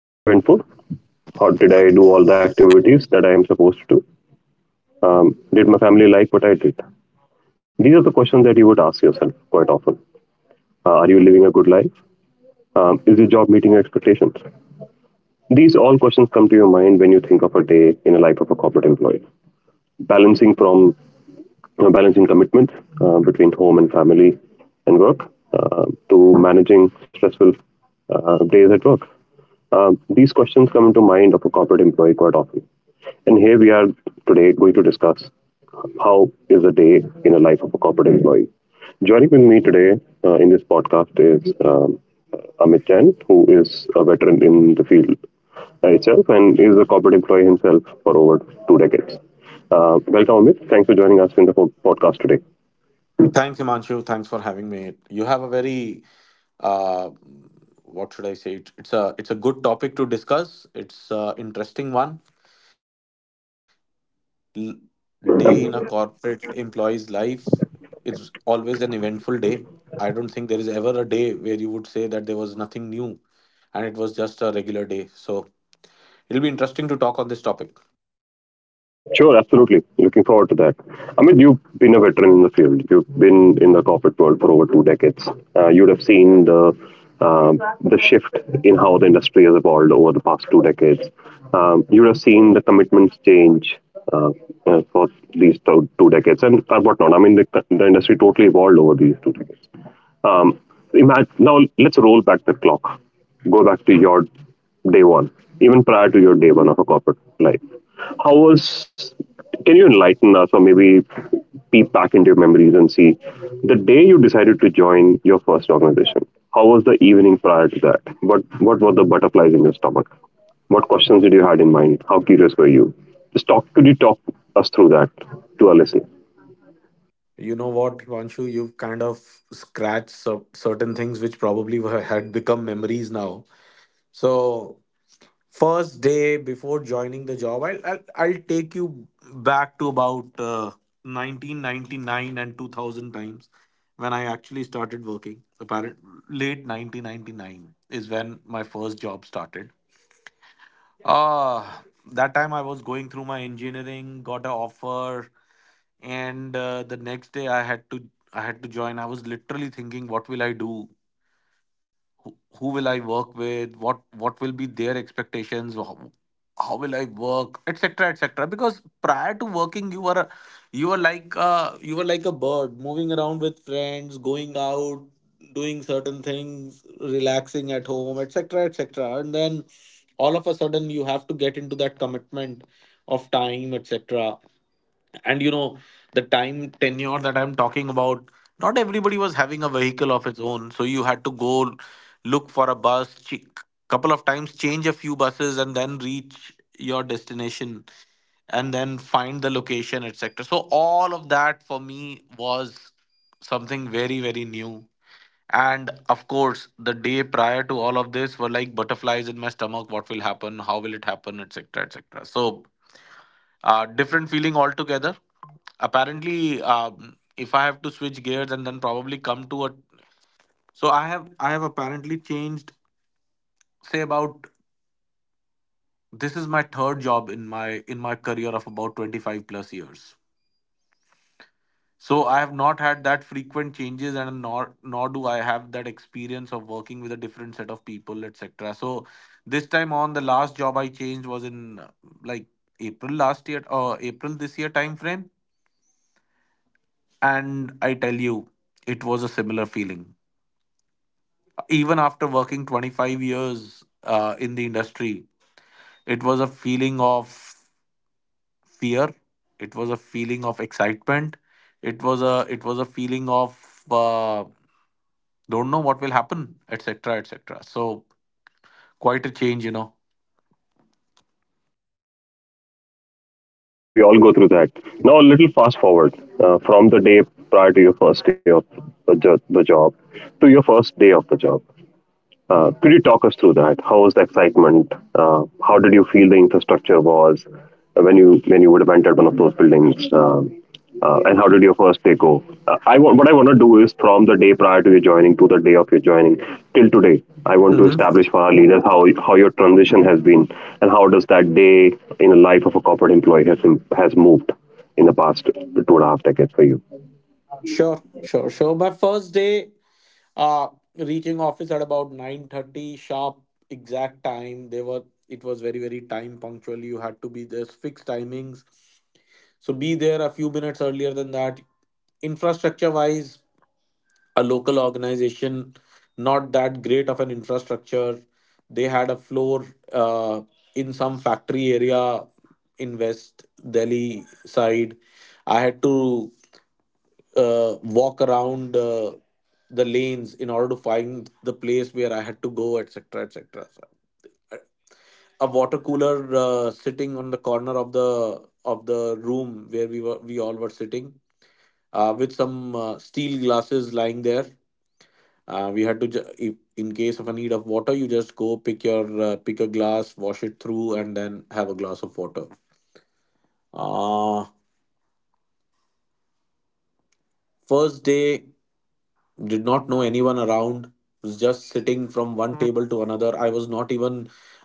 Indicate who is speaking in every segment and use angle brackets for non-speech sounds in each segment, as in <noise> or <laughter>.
Speaker 1: Is it eventful? How did I do all the activities that I am supposed to do? Did my family like what I did? These are the questions that you would ask yourself quite often. Are you living a good life? Is your job meeting your expectations? These all questions come to your mind when you think of a day in a life of a corporate employee. Balancing from balancing commitments between home and family and work to managing stressful days at work. These questions come into mind of a corporate employee quite often. And here we are today going to discuss how is a day in the life of a corporate employee. Joining with me today in this podcast is Amit Jain, who is a veteran in the field itself and is a corporate employee himself for over two decades. Welcome, Amit. Thanks for joining us in the podcast today.
Speaker 2: Thanks, Himanshu. Thanks for having me. You have a very uh, what should I say? It's a good topic to discuss. It's an interesting one. L- Day in a corporate employee's life is always an eventful day. I don't think there is ever a day where you would say that there was nothing new and it was just a regular day. So it'll be interesting to talk on this topic.
Speaker 1: Sure, absolutely. Looking forward to that. Amit, you've been a veteran in the field. You've been in the corporate world for over two decades. You'd have seen um, the shift in how the industry has evolved over the past two decades. You would have seen the commitments change uh, for these two decades and whatnot. I mean, the industry totally evolved over these two decades. Um, imagine, now, let's roll back the clock. Go back to your day one, even prior to your day one of a corporate life. How was, can you enlighten us or maybe peep back into your memories and see the day you decided to join your first organization? How was the evening prior to that? What were the butterflies in your stomach? What questions did you had in mind? How curious were you? Could you talk us through that to our listeners?
Speaker 2: You know what, Himanshu? You've kind of scratched certain things which probably were, had become memories now. So first day before joining the job I'll take you back to about 1999 and 2000 times when I actually started working apparent late 1999 is when my first job started. Ah, that time I was going through my engineering, got an offer, and the next day I had to join. I was literally thinking, what will I do? Who will I work with? What will be their expectations? How will I work, etc., etc.? Because prior to working you were like a you were like a bird moving around with friends, going out, doing certain things, relaxing at home, etc., etc. And then all of a sudden you have to get into that commitment of time, etc. And you know the time tenure that I'm talking about, not everybody was having a vehicle of its own, so you had to go look for a couple of times, change a few buses, and then reach your destination and then find the location, etc. So all of that for me was something very very new. And of course the day prior to all of this were like butterflies in my stomach, what will happen, how will it happen, etc., etc. So different feeling altogether. Apparently, if I have to switch gears and then probably come to a, so I have apparently changed, say about, this is my third job in my career of about 25 plus years. So I have not had that frequent changes, and nor do I have that experience of working with a different set of people, etc. So this time on the last job I changed was in like April last year or April this year time frame. And I tell you, it was a similar feeling. Even after working 25 years in the industry, it was a feeling of fear. It was a feeling of excitement. It was a feeling of uh, don't know what will happen, etc., etc. So quite a change, you know.
Speaker 1: Absolutely, we all go through that. Now, a little fast forward from the day prior to your first day of the job to your first day of the job. Could you talk us through that? How was the excitement? Uh, how did you feel the infrastructure was when you would have entered one of those buildings? And how did your first day go? I want what I want to do is from the day prior to your joining to the day of your joining till today. I want to
Speaker 2: Hmm.
Speaker 1: establish for our leaders how your transition has been and how does that day in the life of a corporate employee has moved in the past two and a half decades for you.
Speaker 2: Sure, sure, sure. My first day, uh, reaching office at about 9:30 sharp, exact time. They were it was very very time punctual. You had to be, there's fixed timings. So be there a few minutes earlier than that. Infrastructure wise, a local organization, not that great of an infrastructure. They had a floor uh, in some factory area in West Delhi side. I had to walk around the lanes in order to find the place where I had to go, etc., etc. A water cooler sitting on the corner of the room where we all were sitting with some steel glasses lying there. We had to, if, in case of a need of water, you just go pick your pick a glass, wash it through, and then have a glass of water. Uh, First day, did not know anyone around, was just sitting from one table to another.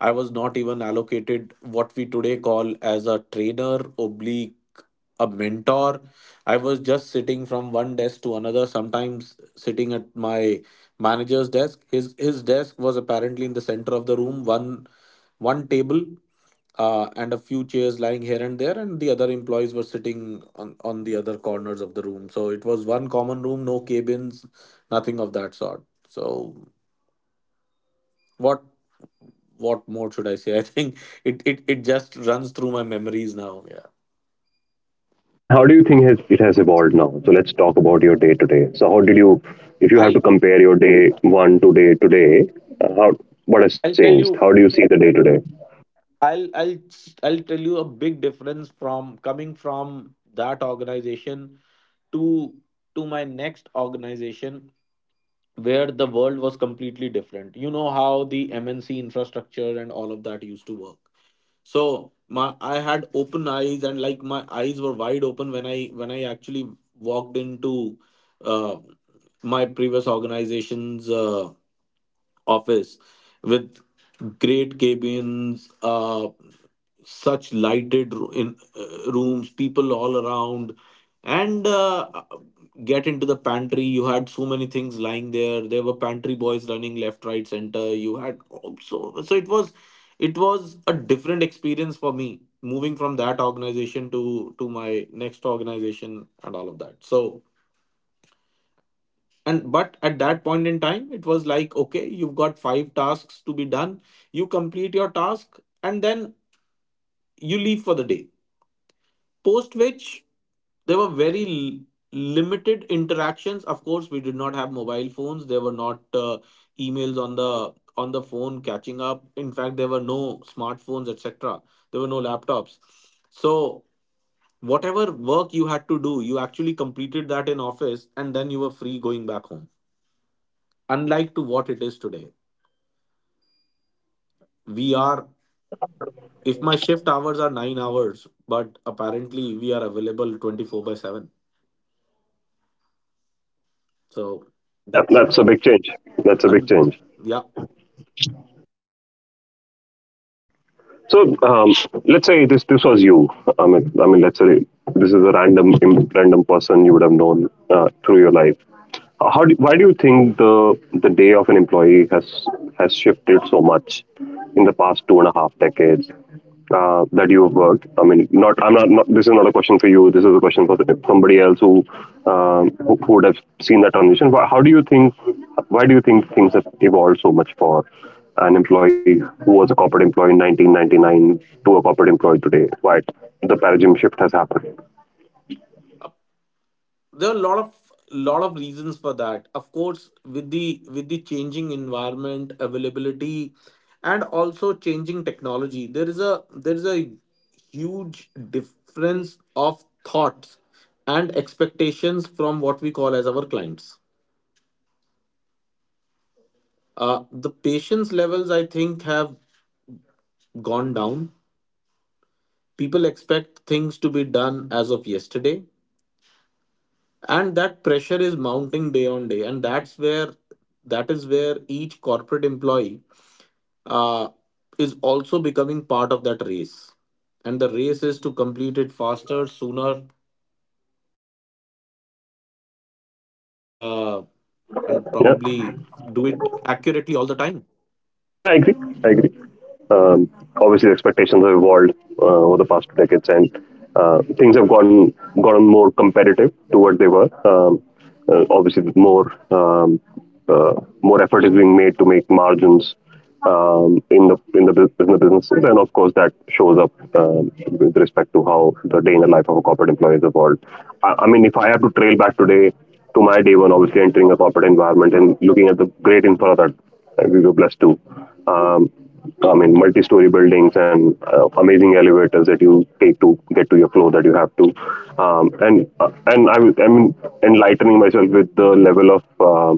Speaker 2: I was not even allocated what we today call as a trainer oblique a mentor. I was just sitting from one desk to another, sometimes sitting at my manager's desk. His desk was apparently in the center of the room, one table and a few chairs lying here and there, and the other employees were sitting on, the other corners of the room. So it was one common room, no cabins, nothing of that sort. So what what more should I say? <laughs> I think it just runs through my memories now. Yeah.
Speaker 1: And how do you think it has evolved now? So let's talk about your day to day. If you have
Speaker 2: I'll
Speaker 1: to compare your day one to day today, how what has
Speaker 2: I'll tell
Speaker 1: changed? How do
Speaker 2: you,
Speaker 1: you see the day to day?
Speaker 2: I'll I'll I'll tell you a big difference from coming from that organization to my next organization where the world was completely different. You know how the MNC infrastructure and all of that used to work. So my I had open eyes, and like my eyes were wide open when I when I actually walked into uh, my previous organization's office with great cabins, such lighted ro- in rooms, people all around. And get into the pantry, you had so many things lying there. There were pantry boys running left right center. You had, so it was, it was a different experience for me, moving from that organization to my next organization and all of that. So, and but at that point in time it was like, okay, you've got five tasks to be done, you complete your task, and then you leave for the day, post which there were very limited interactions. Of course we did not have mobile phones. There were not emails on the phone catching up. In fact there were no smartphones, etc. There were no laptops. So whatever work you had to do, you actually completed that in office, and then you were free going back home, unlike to what it is today. We are, if my shift hours are 9 hours, but apparently we are available 24 by 7. So
Speaker 1: Yeah,
Speaker 2: that's it.
Speaker 1: that's a big change. That's a big
Speaker 2: And
Speaker 1: change.
Speaker 2: yeah,
Speaker 1: So, let's say this was you. I mean, let's say this is a random random person you would have known through your life. Why do you think the day of an employee has shifted so much in the past two and a half decades? That you have worked? I mean, not I'm not, not. This is not a question for you. This is a question for somebody else who who would have seen that transition. How do you think? Why do you think things have evolved so much for an employee who was a corporate employee in 1999 to a corporate employee today? Why the paradigm shift has happened?
Speaker 2: there are a lot of reasons for that. Of course with the changing environment availability, and also changing technology, there is a huge difference of thoughts and expectations from what we call as our clients. The patience levels I think have gone down. People expect things to be done as of yesterday, and that pressure is mounting day on day. And that's where that is where each corporate employee uh, is also becoming part of that race, and the race is to complete it faster, sooner, and uh, and probably do
Speaker 1: Yeah,
Speaker 2: it accurately all the time.
Speaker 1: yeah, I agree. I agree. um, obviously the expectations have evolved over the past two decades, and things have gotten more competitive to what they were. Obviously, more more effort is being made to make margins in the in the businesses, and of course that shows up with respect to how the day in the life of a corporate employee has evolved. I mean, if I have to trail back today to my day one, obviously entering a corporate environment and looking at the great infra that we were blessed to. I mean, multi-story buildings and amazing elevators that you take to get to your floor that you have to, I'm enlightening myself with the level of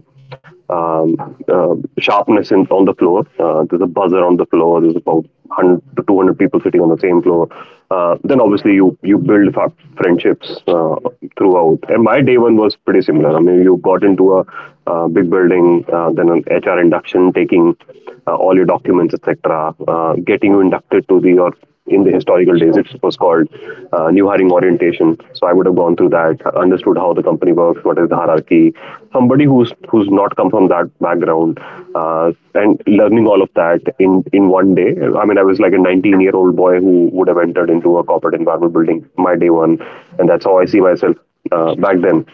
Speaker 1: uh, sharpness on the floor. There's a buzzer on the floor. There's about 100 to 200 people sitting on the same floor. Then obviously you build friendships throughout. And my day one was pretty similar. I mean, you got into a big building, then an HR induction, taking all your documents, etc., getting you inducted to the or in the historical days it was called new hiring orientation organization. So I would have gone through that, understood how the company works, what is the hierarchy. Somebody who's not come from that background and learning all of that in one day. I mean, I was like a 19-year-old boy who would have entered into a corporate environment building my day one, and that's how I see myself back then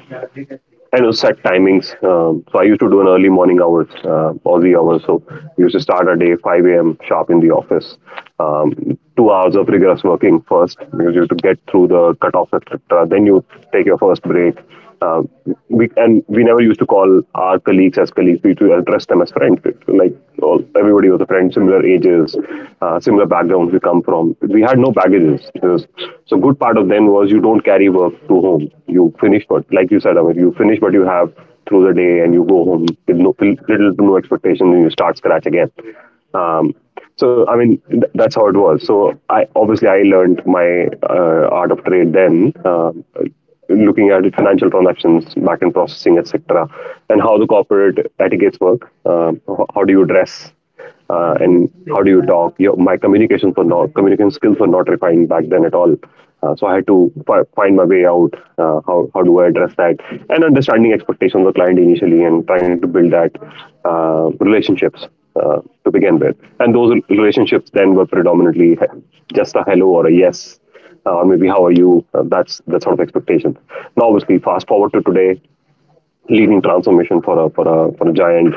Speaker 1: and also at timings. So I used to do an early morning hours, Aussie hours. So we used to start our day 5 a.m. sharp in the office. 2 hours of rigorous working first because you have to get through the cutoff, etc. Then you take your first break. Uh, we and we never used to call our colleagues as colleagues. We used to address them as friends. Like all, everybody was a friend, similar ages, similar backgrounds we come from. We had no baggages offices. So good part of then was you don't carry work to home. You finish, but like you said, Amit, you finish what you have through the day and you go home with no, little to no expectation and you start scratch again. Um, so I mean that's how it was. So I obviously I learned my art of trade then, looking at financial transactions, back end processing, etc., and how the corporate etiquettes work. How do you dress? And how do you talk? My communication skills were not refined back then at all. So I had to find my way out. How how do I address that? And understanding expectations of the client initially, and trying to build that relationships uh, to begin with. And those relationships then were predominantly just a hello or a yes, or maybe how are you? That's that sort of expectation. Now, obviously, fast forward to today, leading transformation for a for a for a giant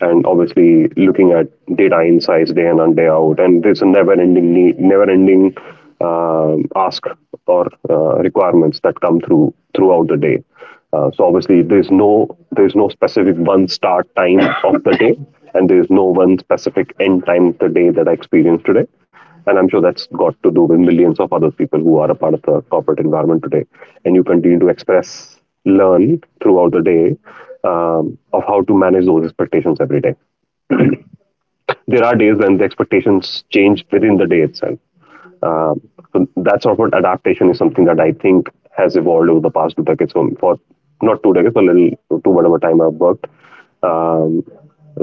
Speaker 1: and obviously looking at data insights day in and day out and there's a never ending need never ending ask or requirements that come through throughout the day so obviously there's no specific one start time of the day and there's no one specific end time of the day that I experienced today and I'm sure that's got to do with millions of other people who are a part of the corporate environment today. And you continue to express, learn throughout the day of how to manage those expectations every day there are days when the expectations change within the day itself. Um, so that sort of adaptation is something that I think has evolved over the past two decades. So for not two decades, but little to whatever time I've worked um,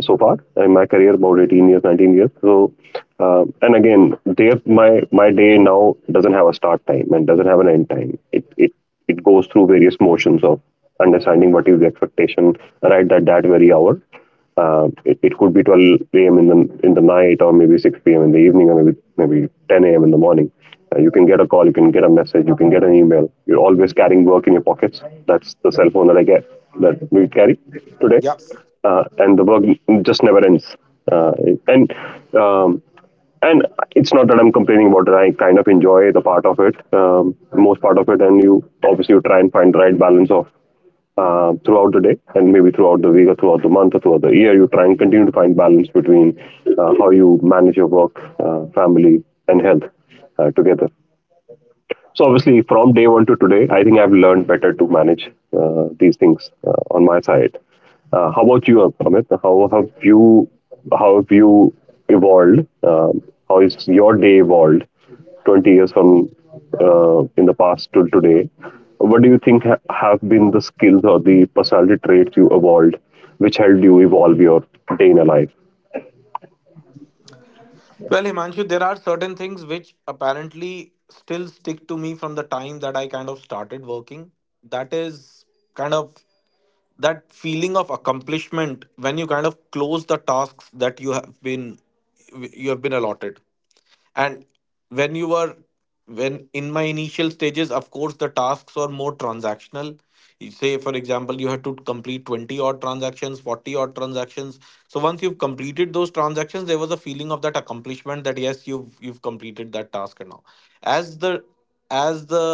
Speaker 1: so far in my career, about 18 years, 19 years. And again, day my my day now doesn't have a start time and doesn't have an end time. It goes through various motions of understanding what is the expectation, right? At that very hour. It could be 12 a.m. in the night, or maybe 6 p.m. in the evening, or maybe 10 a.m. in the morning. You can get a call, you can get a message, you can get an email. You're always carrying work in your pockets. That's the cell phone that I get that we carry today,
Speaker 2: Yeah,
Speaker 1: and the work just never ends. Uh, and um, and it's not that I'm complaining about it. I kind of enjoy the part of it, most part of it, and you obviously you try and find the right balance of throughout the day, and maybe throughout the week or throughout the month or throughout the year. You try and continue to find balance between how you manage your work, family and health, together. So obviously, from day one to today, I think I've learned better to manage these things on my side. How about you, Amit? How have you evolved? How is your day evolved? 20 years from in the past till today, what do you think have been the skills or the personality traits you evolved, which helped you evolve your day in a life?
Speaker 2: well, Himanshu, there are certain things which apparently still stick to me from the time that I kind of started working. That is kind of that feeling of accomplishment when you kind of close the tasks that you have been, allotted. And when you were, when in my initial stages, of course, the tasks were more transactional. You say, for example, you had to complete 20 odd transactions, 40 odd transactions. So once you've completed those transactions, there was a feeling of that accomplishment that yes, you've completed that task. And now, as the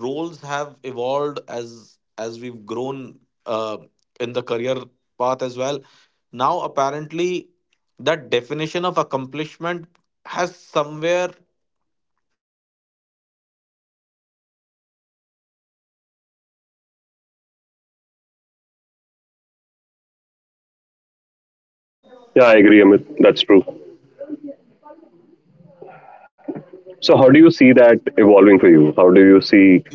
Speaker 2: roles have evolved, as we've grown uh, in the career path as well, now apparently that definition of accomplishment has somewhere, I would say
Speaker 1: Yeah, I agree, Amit. That's true. So, how do you see that evolving for you? How do you see?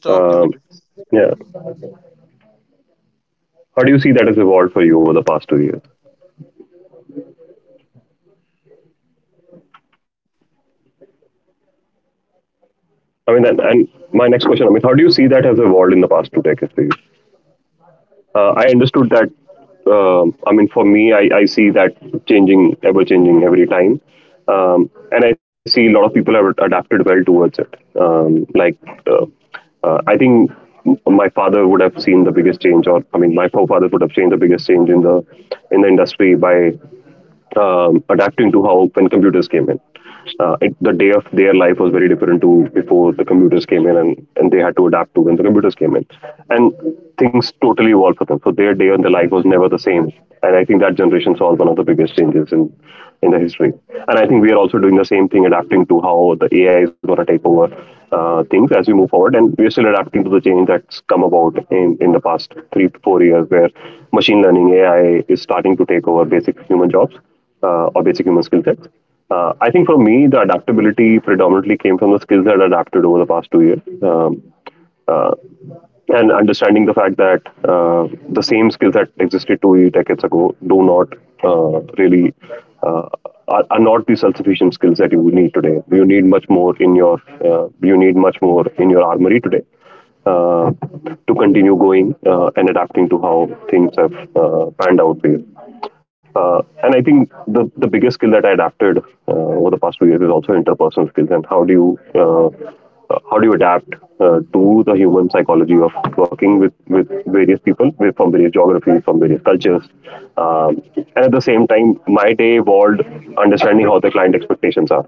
Speaker 1: Um, yeah. How do you see that has evolved for you over the past two years? I mean, and my next question, I mean, how do you see that has evolved in the past two decades for you? I understood that. I mean, for me, I see that changing, ever changing every time, um, and I see a lot of people have adapted well towards it. Um, like, uh, I think my father would have seen the biggest change, or I mean, my forefathers would have seen the biggest change in the industry by adapting to how when computers came in. The day of their life was very different to before the computers came in, and they had to adapt to when the computers came in. And things totally evolved for them. So their day and their life was never the same. And I think that generation saw one of the biggest changes in the history. And I think we are also doing the same thing, adapting to how the AI is going to take over things as we move forward. And we are still adapting to the change that's come about in the past three to four years, where machine learning AI is starting to take over basic human jobs or basic human skill sets. I think for me, the adaptability predominantly came from the skills that I adapted over the past two years, uh, and understanding the fact that the same skills that existed two decades ago do not really uh, are not the self-sufficient skills that you need today. You need much more in your armory today, uh, to continue going and adapting to how things have panned out for you. And I think the biggest skill that I adapted over the past few years is also interpersonal skills, and how do you adapt to the human psychology of working with various people with, from various geographies, from various cultures, um, and at the same time, my day evolved understanding how the client expectations are.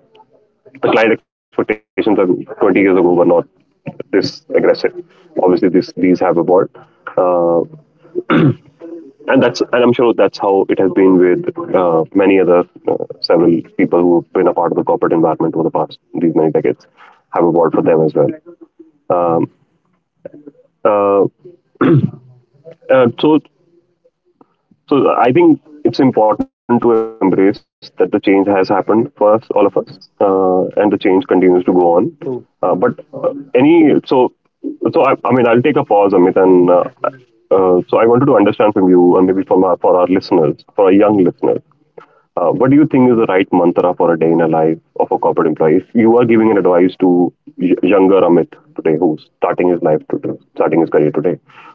Speaker 1: The client expectations are 20 years ago were not this aggressive. Obviously, this these have evolved. Uh, and I'm sure that's how it has been with many other several people who've been a part of the corporate environment over the past these many decades, have evolved for them as well. Um, uh, uh, so I think it's important to embrace that the change has happened for us, all of us, and the change continues to go on. But any so so I mean, I'll take a pause, Amit, and so I wanted to understand from you, and maybe from for our listeners, for our young listeners, what do you think is the right mantra for a day in a life of a corporate employee? If you are giving an advice to younger Amit today, who's starting his life today, starting his career today,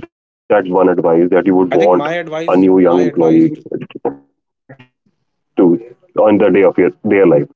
Speaker 1: what would be that one advice that you would want a new young employee to on the day of your, their life?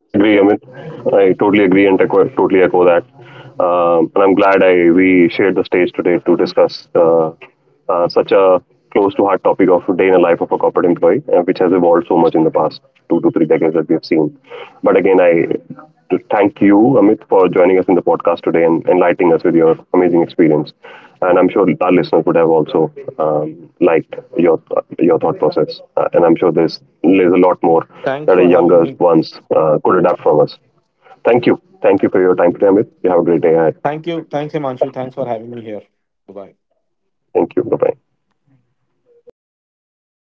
Speaker 1: I agree, Amit. I totally agree and echo, totally echo that. And I'm glad I we shared the stage today to discuss such a close to heart topic of day in the life of a corporate employee, which has evolved so much in the past two to three decades that we have seen. But again, I to thank you, Amit, for joining us in the podcast today and enlightening us with your amazing experience. And I'm sure our listeners would have also liked your thought process. And I'm sure there's a lot more that our younger ones could adapt from us. Thank you, Thank you for your time today, Amit. You have a great day ahead. Thank you. Bye bye.